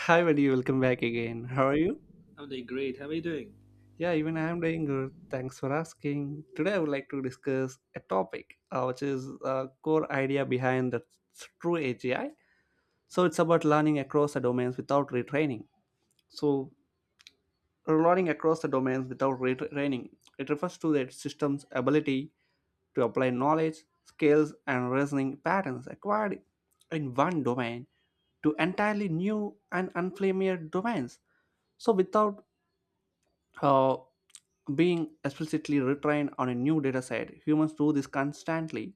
Hi, Vadi. Welcome back again. How are you? I'm doing great. How are you doing? Yeah, even I am doing good. Thanks for asking. Today, I would like to discuss a topic which is a core idea behind the true AGI. So, it's about learning across the domains without retraining. So, learning across the domains without retraining, it refers to the system's ability to apply knowledge, skills, and reasoning patterns acquired in one domain to entirely new and unfamiliar domains. So, without uh, being explicitly retrained on a new dataset. Humans do this constantly.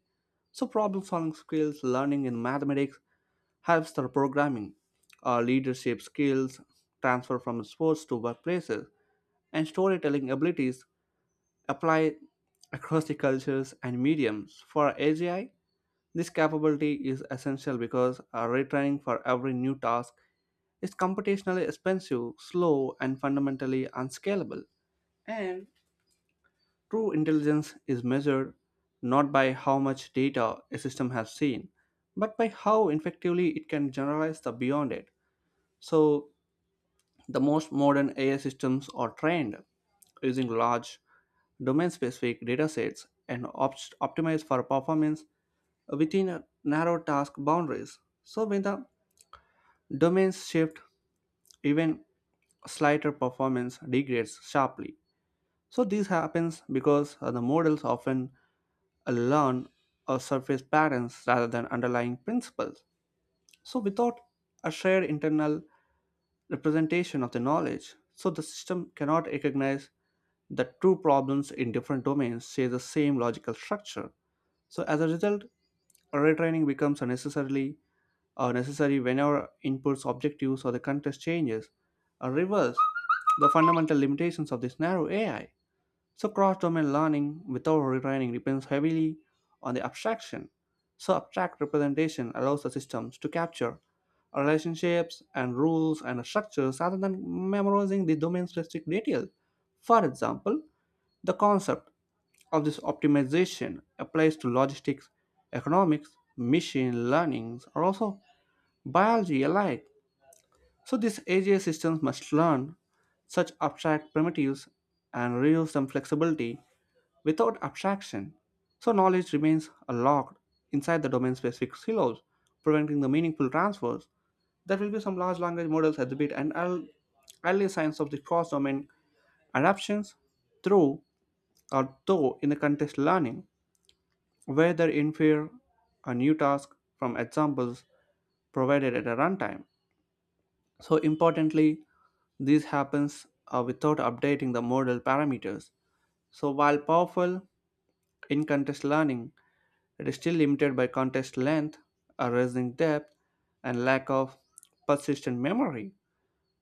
So problem solving skills, learning in mathematics helps their programming. Our leadership skills transfer from sports to workplaces, and storytelling abilities apply across the cultures and mediums. For AGI, this capability is essential because retraining for every new task is computationally expensive, slow, and fundamentally unscalable. And true intelligence is measured not by how much data a system has seen, but by how effectively it can generalize the beyond it. So, the most modern AI systems are trained using large domain specific datasets and optimized for performance within narrow task boundaries. So, when the domains shift, even slighter, performance degrades sharply. So, this happens because the models often learn surface patterns rather than underlying principles. So, without a shared internal representation of the knowledge, so the system cannot recognize that two problems in different domains share the same logical structure. So, as a result, retraining becomes unnecessarily necessary whenever inputs, objectives, or the context changes. A reverse the fundamental limitations of this narrow AI. So, cross domain learning without retraining depends heavily on the abstraction. So, abstract representation allows the systems to capture relationships and rules and structures rather than memorizing the domain specific detail. For example, the concept of this optimization applies to logistics, economics, machine learnings, or also biology alike. So, these AGI systems must learn such abstract primitives and reuse some flexibility without abstraction. So knowledge remains locked inside the domain specific silos, preventing the meaningful transfers. There will be some large language models exhibit and early signs of the cross domain adaptations through or though in the context learning, where they infer a new task from examples provided at a runtime. So importantly, this happens without updating the model parameters. So while powerful, in context learning it is still limited by contest length, a rising depth, and lack of persistent memory.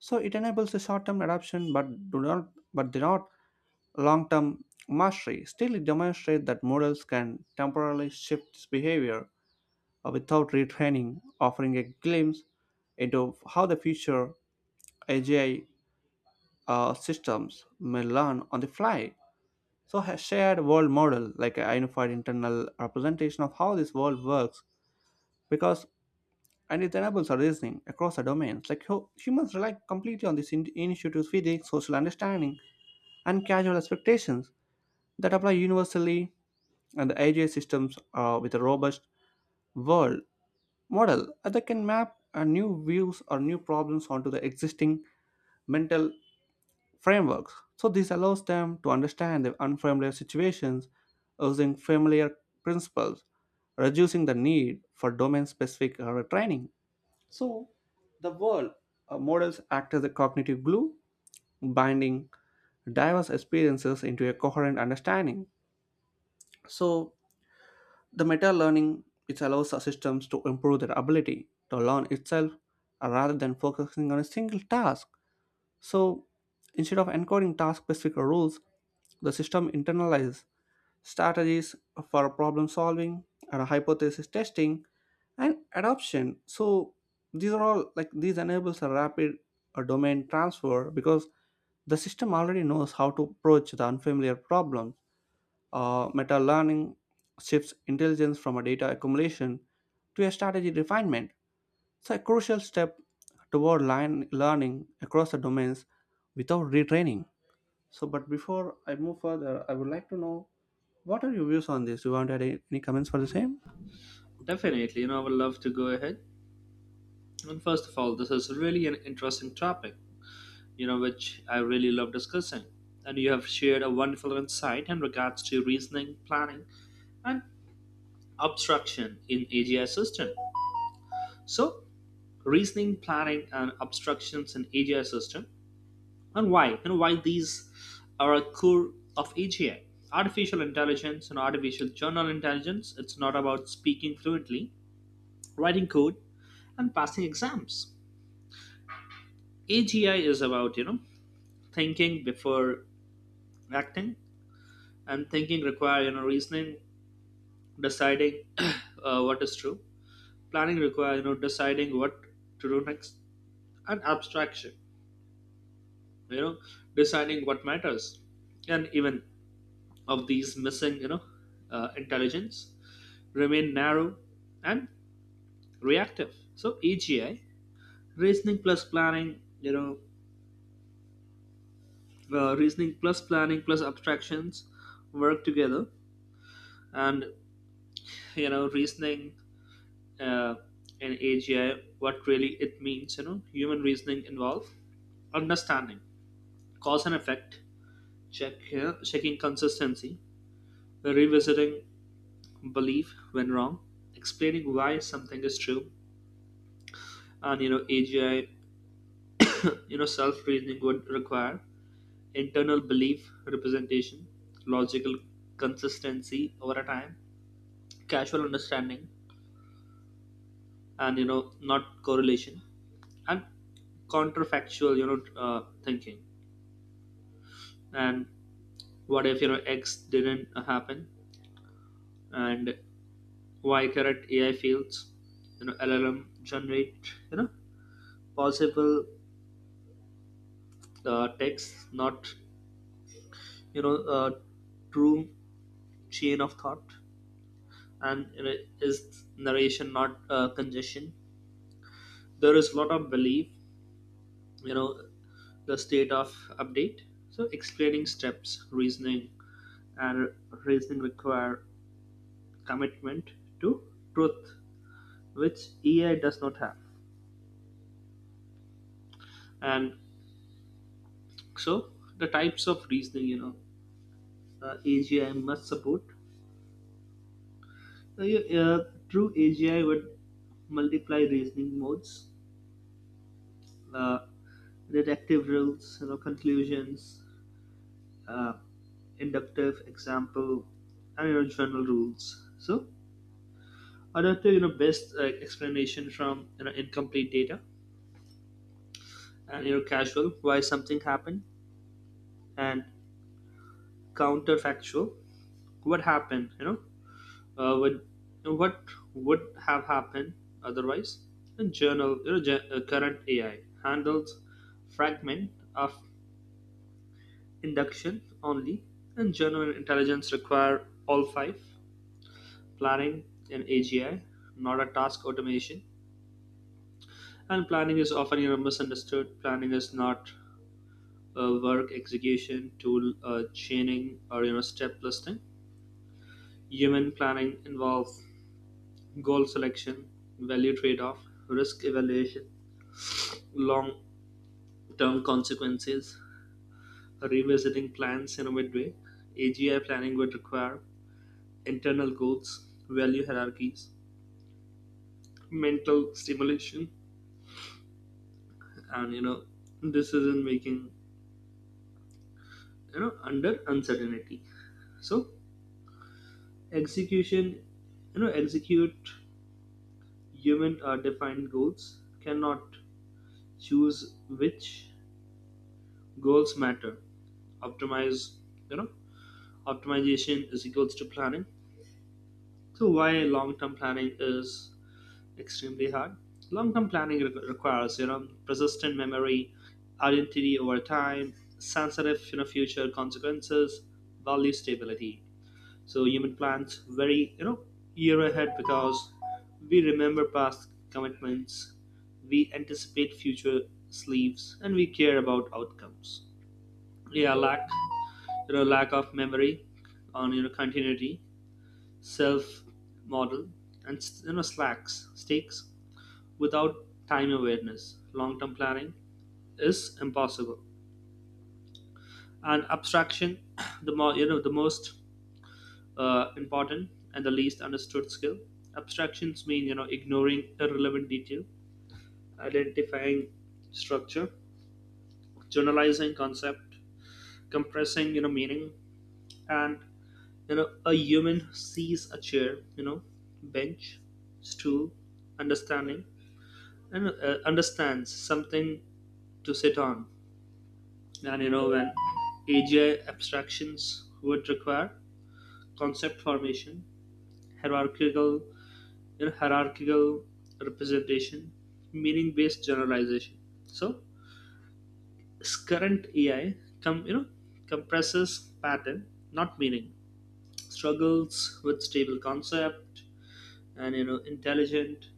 So it enables a short-term adoption, but do not long-term mastery. Still it demonstrates that models can temporarily shift its behavior without retraining, offering a glimpse into how the future AGI systems may learn on the fly. So a shared world model, like a unified internal representation of how this world works, because and it enables our reasoning across the domains. Like humans rely completely on this intuitive feeling, social understanding, and casual expectations that apply universally, and the AGI systems with a robust world model that can map new views or new problems onto the existing mental frameworks. So this allows them to understand the unfamiliar situations using familiar principles, reducing the need for domain-specific training. So, the world models act as a cognitive glue, binding diverse experiences into a coherent understanding. So, the meta learning, it allows our systems to improve their ability to learn itself rather than focusing on a single task. So, instead of encoding task specific rules, the system internalizes strategies for problem solving and hypothesis testing and adoption, so these are all like, these enables a rapid domain transfer because the system already knows how to approach the unfamiliar problems. Meta learning shifts intelligence from a data accumulation to a strategy refinement, so a crucial step toward line learning across the domains without retraining. So but before I move further I would like to know, what are your views on this? You want to add any comments for the same? Definitely, I would love to go ahead. And first of all, this is really an interesting topic, which I really love discussing. And you have shared a wonderful insight in regards to reasoning, planning, and obstruction in AGI system. So, reasoning, planning, and obstructions in AGI system, and why these are a core of AGI. Artificial intelligence and artificial general intelligence, it's not about speaking fluently, writing code, and passing exams. AGI is about thinking before acting, and thinking require reasoning, deciding what is true. Planning require deciding what to do next, and abstraction, you know deciding what matters, and even of these missing intelligence remain narrow and reactive. So AGI reasoning plus planning, reasoning plus planning plus abstractions work together. And reasoning uh, in agi, what really it means, human reasoning involve understanding cause and effect, check here checking consistency, revisiting belief when wrong, explaining why something is true. And agi, self reasoning would require internal belief representation, logical consistency over a time, casual understanding, and not correlation, and counterfactual, thinking, and what if x didn't happen, and y. Current ai fields, llm generate, possible text, not you know uh, true chain of thought. And is narration, not congestion. There is a lot of belief, you know the state of update. So explaining steps reasoning, and reasoning require commitment to truth, which AI does not have. And so the types of reasoning, agi must support. True agi would multiply reasoning modes: uh, deductive rules, conclusions, uh, inductive example and your general rules. So another, best explanation from, incomplete data, and casual, why something happened, and counterfactual, what happened, would, what would have happened otherwise. And journal, current AI handles fragment of induction only, and general intelligence require all five. Planning in AGI, not a task automation. And planning is often misunderstood. Planning is not a work execution tool, a chaining, or step listing. Human planning involves goal selection, value trade-off, risk evaluation, long-term consequences, revisiting plans in a midway. AGI planning would require internal goals, value hierarchies, mental stimulation, and decision making. Under uncertainty. So execution, execute human are defined goals, cannot choose which goals matter. Optimize, you know, optimization is equals to planning. So why long-term planning is extremely hard? Long-term planning requires, persistent memory, identity over time, sensitive, future consequences, value stability. So human plans very year ahead, because we remember past commitments, we anticipate future sleeps, and we care about outcomes. Yeah, lack of memory on, continuity, self model, and slacks stakes without time awareness. Long term planning is impossible. And abstraction, the more the most important and the least understood skill. Abstractions mean ignoring irrelevant detail, identifying structure, generalizing concept, compressing meaning. And a human sees a chair, bench, stool, understanding, and understands something to sit on. And when AGI abstractions would require concept formation, hierarchical hierarchical representation, meaning-based generalization. So this current AI com, you know compresses pattern, not meaning. Struggles with stable concept. And intelligent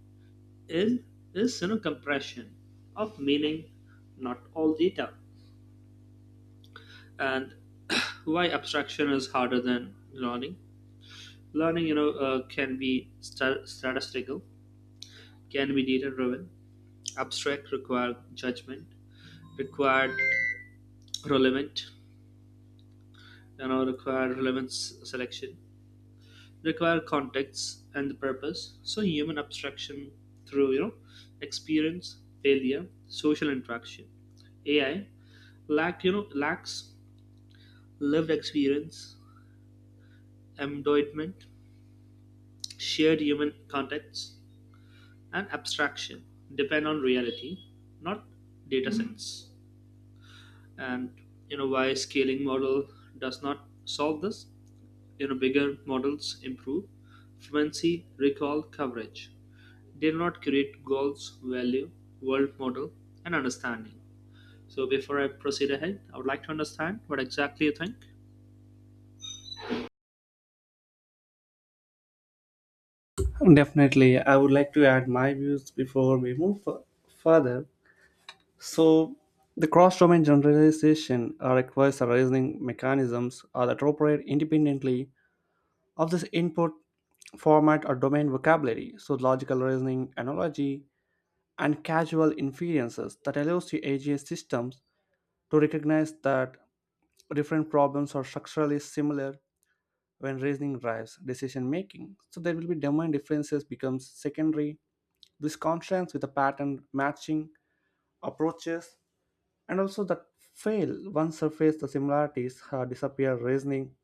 in is, compression of meaning, not all data. And why abstraction is harder than learning? Learning, can be statistical, can be data driven. Abstract require judgment, required relevant you know require relevance selection, require context and the purpose. So human abstraction through, experience, failure, social interaction. Ai lacks lived experience, embodiment, shared human context. And abstraction depend on reality, not data sets. And why scaling model does not solve this. In Bigger models improve fluency, recall, coverage. They do not create goals, value, world model, and understanding. So before I proceed ahead, I would like to understand what exactly you think. Definitely. I would like to add my views before we move further. So, the cross domain generalization requires a reasoning mechanisms are that operate independently of this input format or domain vocabulary. So, logical reasoning, analogy, and casual inferences that allows the AGI systems to recognize that different problems are structurally similar. When reasoning drives decision making, so there will be domain differences becomes secondary. This contrasts with the pattern matching approaches and also that fail once surface the similarities disappear. Reasoning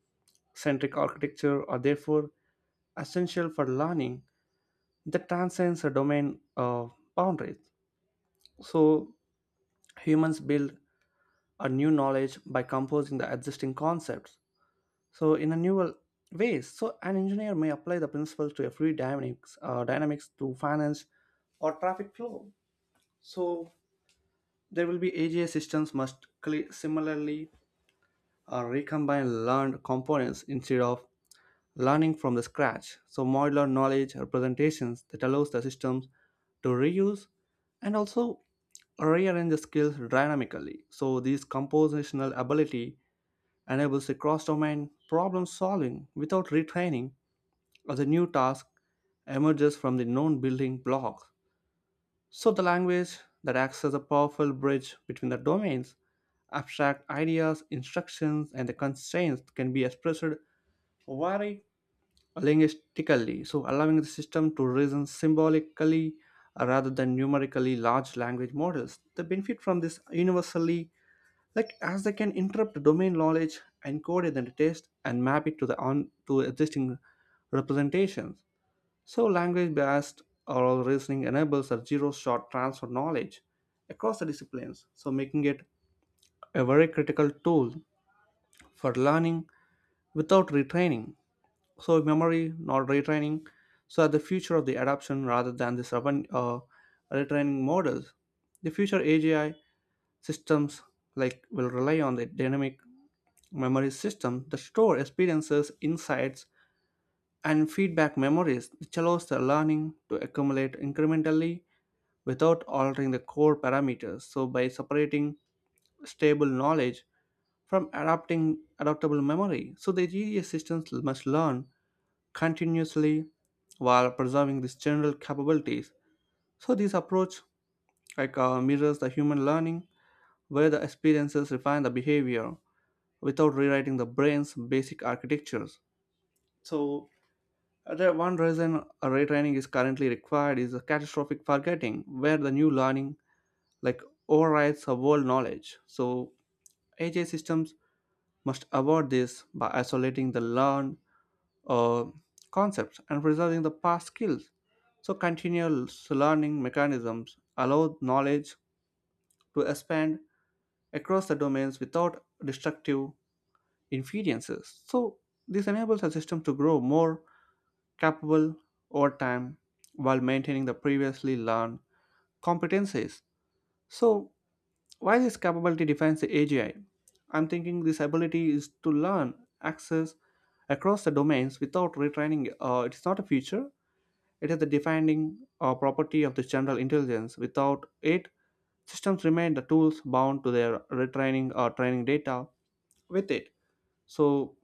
centric architecture are therefore essential for learning that transcends a domain boundaries. So humans build a new knowledge by composing the existing concepts, so in a new ways. So an engineer may apply the principles to a fluid dynamics to finance or traffic flow. So there will be aga systems must similarly recombine learned components instead of learning from the scratch. So modular knowledge representations that allows the systems to reuse and also rearrange the skills dynamically. So this compositional ability enables the cross-domain problem solving without retraining, or the new task emerges from the known building blocks. So, the language that acts as a powerful bridge between the domains, abstract ideas, instructions, and the constraints can be expressed very linguistically, so allowing the system to reason symbolically rather than numerically. Large language models The benefit from this universally, like as they can interpret domain knowledge encoded in the text and map it to the on to existing representations. So, language based oral reasoning enables a zero shot transfer knowledge across the disciplines, so making it a very critical tool for learning without retraining. So, memory, not retraining, so the future of the adoption rather than the urban retraining models. The future AGI systems like will rely on the dynamic memory system that store experiences, insights, and feedback memories, which allows the learning to accumulate incrementally without altering the core parameters. So by separating stable knowledge from adapting adaptable memory, so the GES systems must learn continuously while preserving these general capabilities. So this approach like mirrors the human learning where the experiences refine the behavior without rewriting the brain's basic architectures. So the one reason a retraining is currently required is a catastrophic forgetting, where the new learning like overrides the world knowledge. So AI systems must avoid this by isolating the learned uh, concepts and preserving the past skills. So continuous learning mechanisms allow knowledge to expand across the domains without destructive inferences. So this enables a system to grow more capable over time while maintaining the previously learned competencies. So why this capability defines the AGI? I'm thinking this ability is to learn, access across the domains without retraining. It's not a feature, it is the defining property of the general intelligence. Without it, systems remain the tools bound to their retraining or training data. With it, so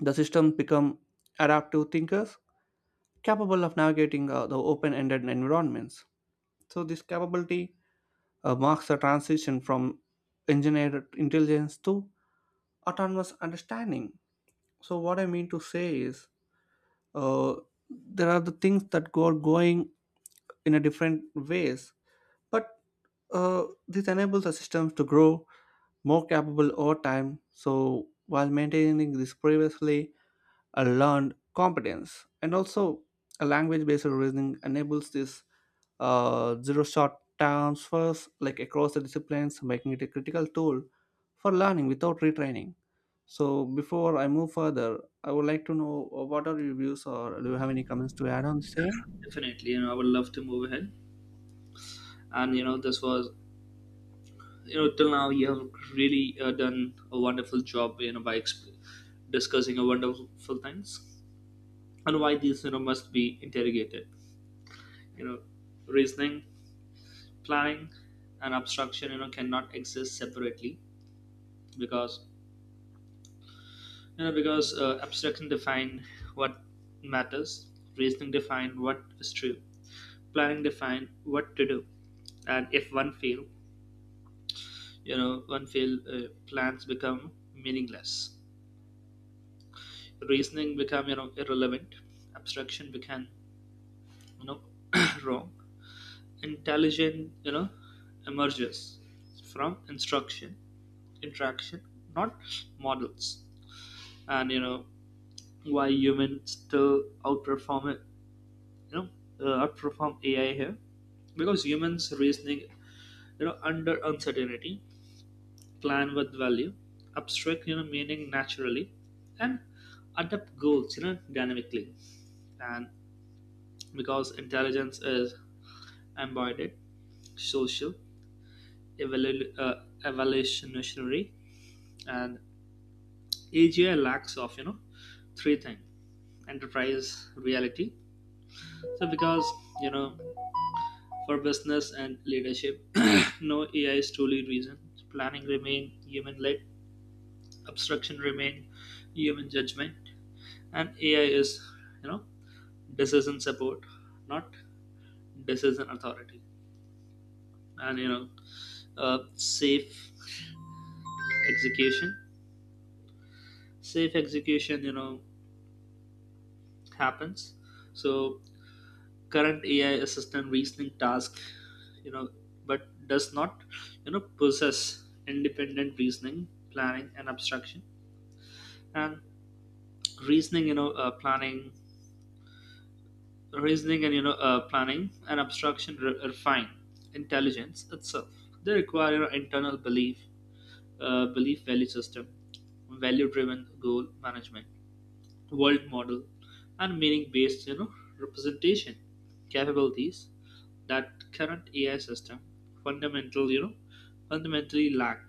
the systems become adaptive thinkers capable of navigating the open ended environments. So, this capability marks a transition from engineered intelligence to autonomous understanding. So what I mean to say is, uh, there are the things that go are going in a different ways, but this enables the systems to grow more capable over time. So while maintaining this previously a learned competence. And also, a language based reasoning enables this zero shot transfers like across the disciplines, making it a critical tool for learning without retraining. So, before I move further, I would like to know what are your views, or do you have any comments to add on the same? Definitely, I would love to move ahead. And this was, till now you have really done a wonderful job. You know, by discussing a wonderful things and why these, must be interrogated. You know, reasoning, planning and abstraction, cannot exist separately because, abstraction define what matters, reasoning define what is true, planning define what to do. And if one fail, plans become meaningless, reasoning become, irrelevant, abstraction become, you know wrong. Intelligent, emerges from instruction, interaction, not models. And why humans still outperform it, you know outperform ai here, because humans reasoning, under uncertainty, plan with value, abstract, meaning naturally, and adapt goals, dynamically. And because intelligence is embodied, social, evalu- uh, evolutionary. And agi lacks of, three things: enterprise, reality. So because, you know for business and leadership, no AI is truly reason. Planning remain human-led, obstruction remain human judgment, and AI is, you know, decision support, not decision authority. And safe execution, execution happens. So current AI assistant reasoning task, you know, but does not, possess independent reasoning, planning, and abstraction. And reasoning you know uh, planning reasoning and, planning and abstraction refine intelligence itself. They require, internal belief value system, value driven goal management, world model, and meaning based, representation capabilities that current ai system fundamental you know fundamentally lack.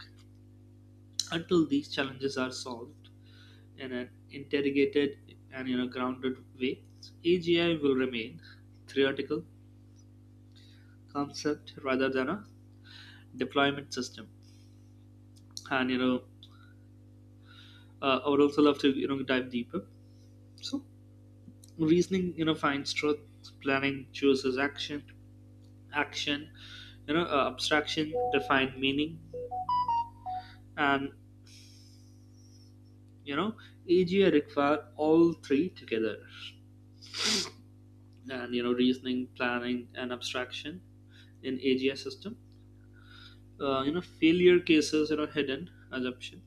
Until these challenges are solved in an interrogated and, grounded way, AGI will remain theoretical concept rather than a deployment system. And I would also love to, dive deeper. So reasoning, finds truth, planning chooses action, action abstraction define meaning. And you know AGI require all three together. And reasoning, planning, and abstraction in AGI system, failure cases, hidden assumption,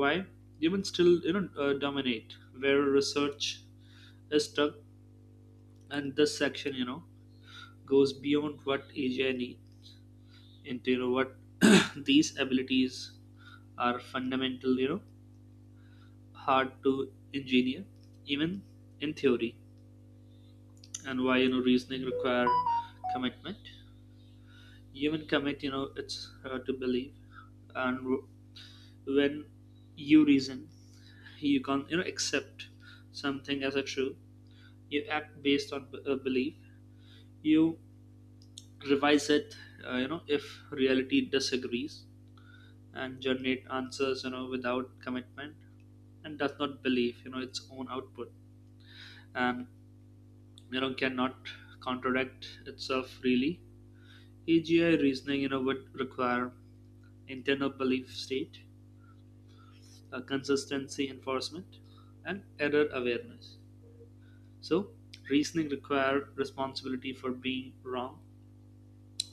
why humans still, dominate, where research is stuck. And this section, goes beyond what ai need into, what these abilities are fundamental, hard to engineer even in theory. And why, reasoning require commitment. Human commit, it's hard to believe. And when you reason, you can't, accept something as a true. You act based on a belief. You revise it, if reality disagrees. And generate answers, without commitment, and does not believe, its own output. And cannot contradict itself freely. Agi reasoning, would require internal belief state, consistency enforcement, and error awareness. So, reasoning require responsibility for being wrong.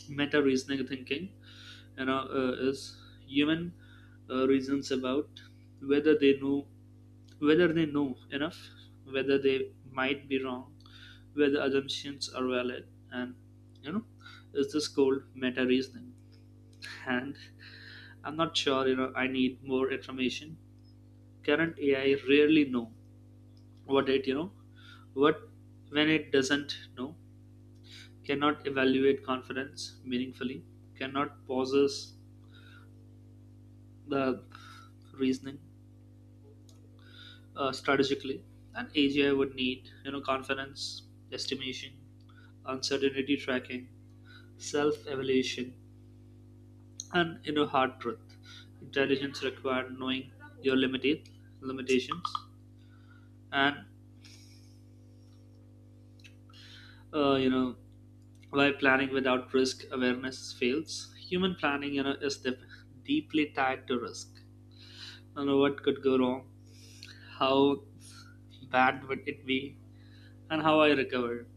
Meta reasoning thinking, is human reasons about whether they know, enough, whether they might be wrong, whether assumptions are valid, and, you know, is this called meta reasoning? And I'm not sure. You know, I need more information. Current AI rarely know what it you know what when it doesn't know, cannot evaluate confidence meaningfully, cannot possess the reasoning, strategically. And AGI would need, confidence, estimation, uncertainty tracking, self-evaluation, and, hard truth. Intelligence required knowing your limited limitations. And uh, you know why planning without risk awareness fails. Human planning, is deeply tied to risk. You know, what could go wrong, how bad would it be, and how I recovered.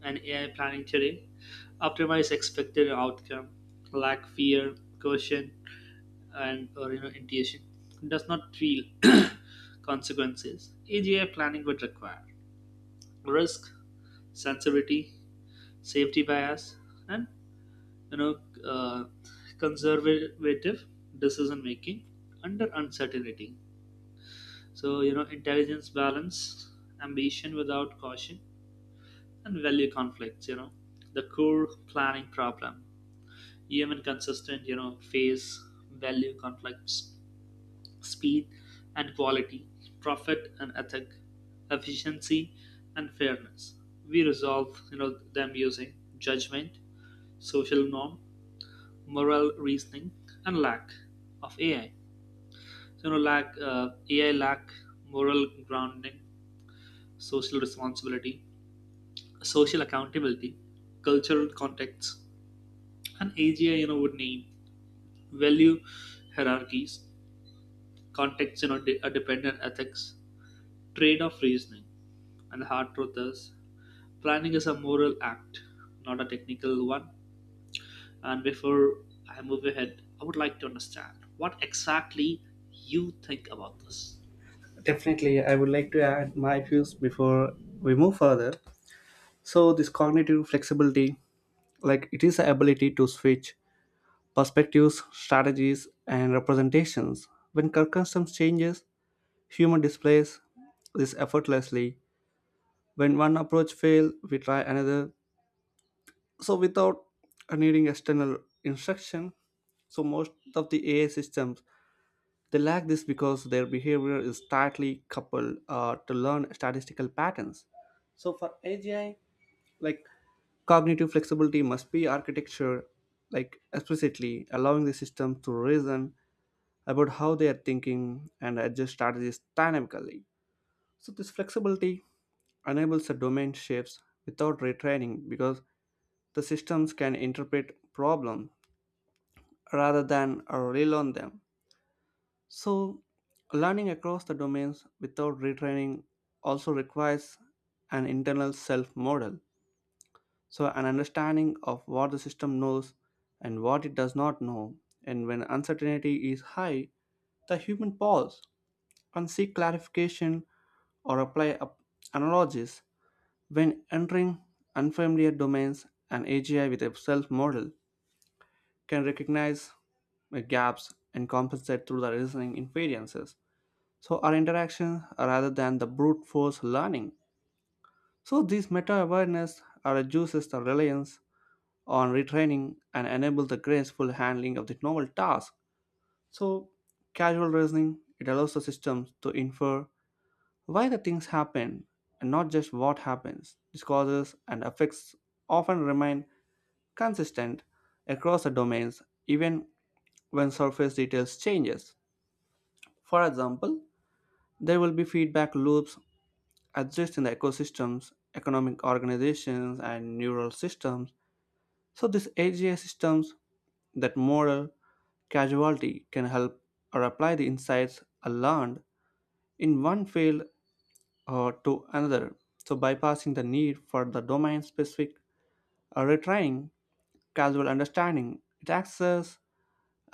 And AI planning today optimize expected outcome, lack fear, caution, and or, intuition. Does not feel consequences. AGI planning would require risk, sensitivity, safety bias, and you know uh, conservative decision making under uncertainty. So, intelligence balance, ambition without caution, and value conflicts, the core planning problem. Even consistent, phase value conflicts: speed and quality, profit and ethic, efficiency and fairness. We resolve, them using judgment, social norm, moral reasoning. And lack of ai, so, you know lack ai lack moral grounding, social responsibility, social accountability, cultural contexts. And AGI, would need value hierarchies, context, dependent ethics, trade-off reasoning. And the hard truth is, planning is a moral act, not a technical one. And before I move ahead, I would like to understand what exactly you think about this. Definitely, I would like to add my views before we move further. So, this cognitive flexibility, like it is the ability to switch perspectives, strategies, and representations. When circumstance changes, human displays this effortlessly. When one approach fails, we try another. So without needing external instruction, so most of the AI systems, they lack this because their behavior is tightly coupled to learn statistical patterns. So for AGI, like cognitive flexibility must be architecture, like explicitly allowing the system to reason about how they are thinking and adjust strategies dynamically. So, this flexibility enables the domain shifts without retraining because the systems can interpret problems rather than relearn them. So, learning across the domains without retraining also requires an internal self model. So, an understanding of what the system knows and what it does not know. And when uncertainty is high, the human pause and seek clarification or apply analogies when entering unfamiliar domains. An AGI with a self model can recognize gaps and compensate through the reasoning inferences. So, our interaction rather than the brute force learning. So, these meta awareness reduces the reliance on retraining and enables the graceful handling of the novel task. So, casual reasoning, it allows the systems to infer why the things happen and not just what happens. These causes and effects often remain consistent across the domains even when surface details changes. For example, there will be feedback loops exist in the ecosystems, economic organizations and neural systems. So these AGI systems that model casualty can help or apply the insights learned in one field to another, so bypassing the need for the domain specific retrying. Casual understanding, it acts as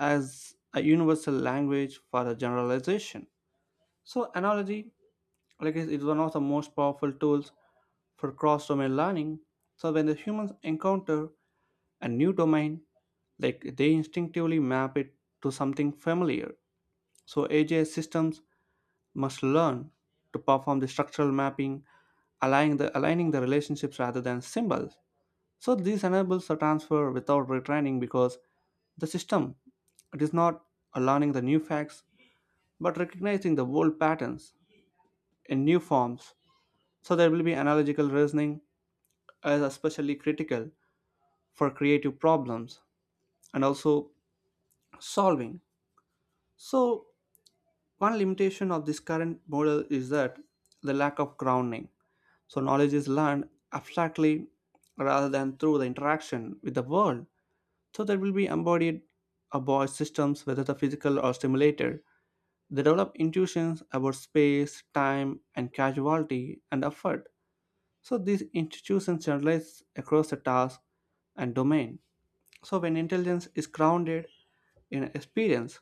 a universal language for the generalization. So, analogy, like is one of the most powerful tools for cross domain learning. So, when the humans encounter a new domain, like they instinctively map it to something familiar. So, AGI systems must learn to perform the structural mapping, aligning the relationships rather than symbols. So this enables the transfer without retraining because the system, it is not learning the new facts but recognizing the old patterns in new forms. So there will be analogical reasoning as especially critical for creative problems and also solving. So one limitation of this current model is that the lack of grounding. So knowledge is learned abstractly rather than through the interaction with the world. So there will be embodied aboard systems, whether the physical or simulated. They develop intuitions about space, time, and causality and effort. So these institutions generalize across the task and domain. So when intelligence is grounded in experience,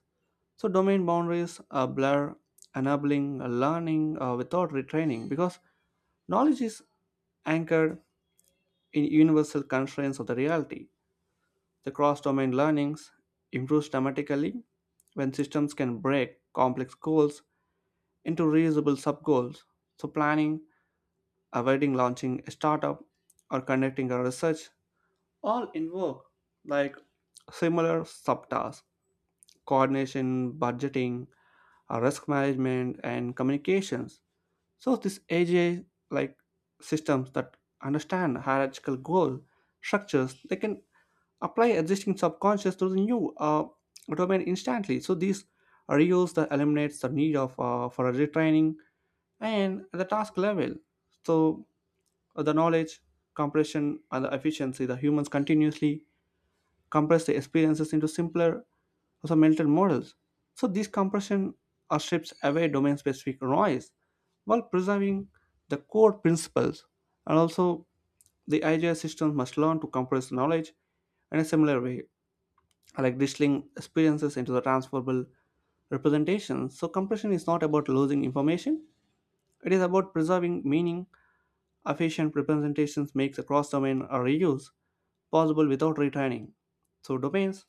so domain boundaries are blur, enabling learning without retraining because knowledge is anchored in universal constraints of the reality. The cross domain learnings improves dramatically when systems can break complex goals into reusable sub goals. So, planning, avoiding launching a startup, or conducting a research all invoke like similar subtasks: coordination, budgeting, risk management, and communications. So, this AGI like systems that understand hierarchical goal structures, they can apply existing subconscious to the new domain instantly. So this reuse that eliminates the need of for a retraining and the task level. So the knowledge compression and the efficiency, the humans continuously compress the experiences into simpler, also mental models. So this compression strips away domain-specific noise while preserving the core principles. And also, the idea systems must learn to compress knowledge in a similar way, like distilling experiences into the transferable representations. So compression is not about losing information; it is about preserving meaning. Efficient representations makes a cross-domain or reuse possible without retraining. So domains,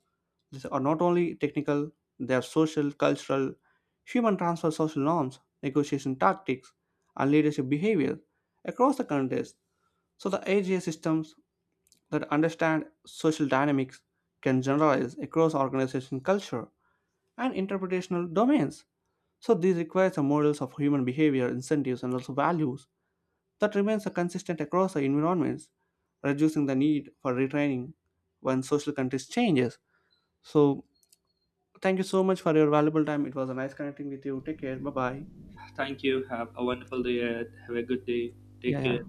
these are not only technical; they are social, cultural, human transfer social norms, negotiation tactics, and leadership behavior across the context. So the AGA systems that understand social dynamics can generalize across organization culture and interpretational domains. So these require some models of human behavior, incentives, and also values that remains consistent across the environments, reducing the need for retraining when social context changes. So thank you so much for your valuable time. It was a nice connecting with you. Take care. Bye bye. Thank you. Have a wonderful day ahead. Have a good day. Yeah, Take yeah. care.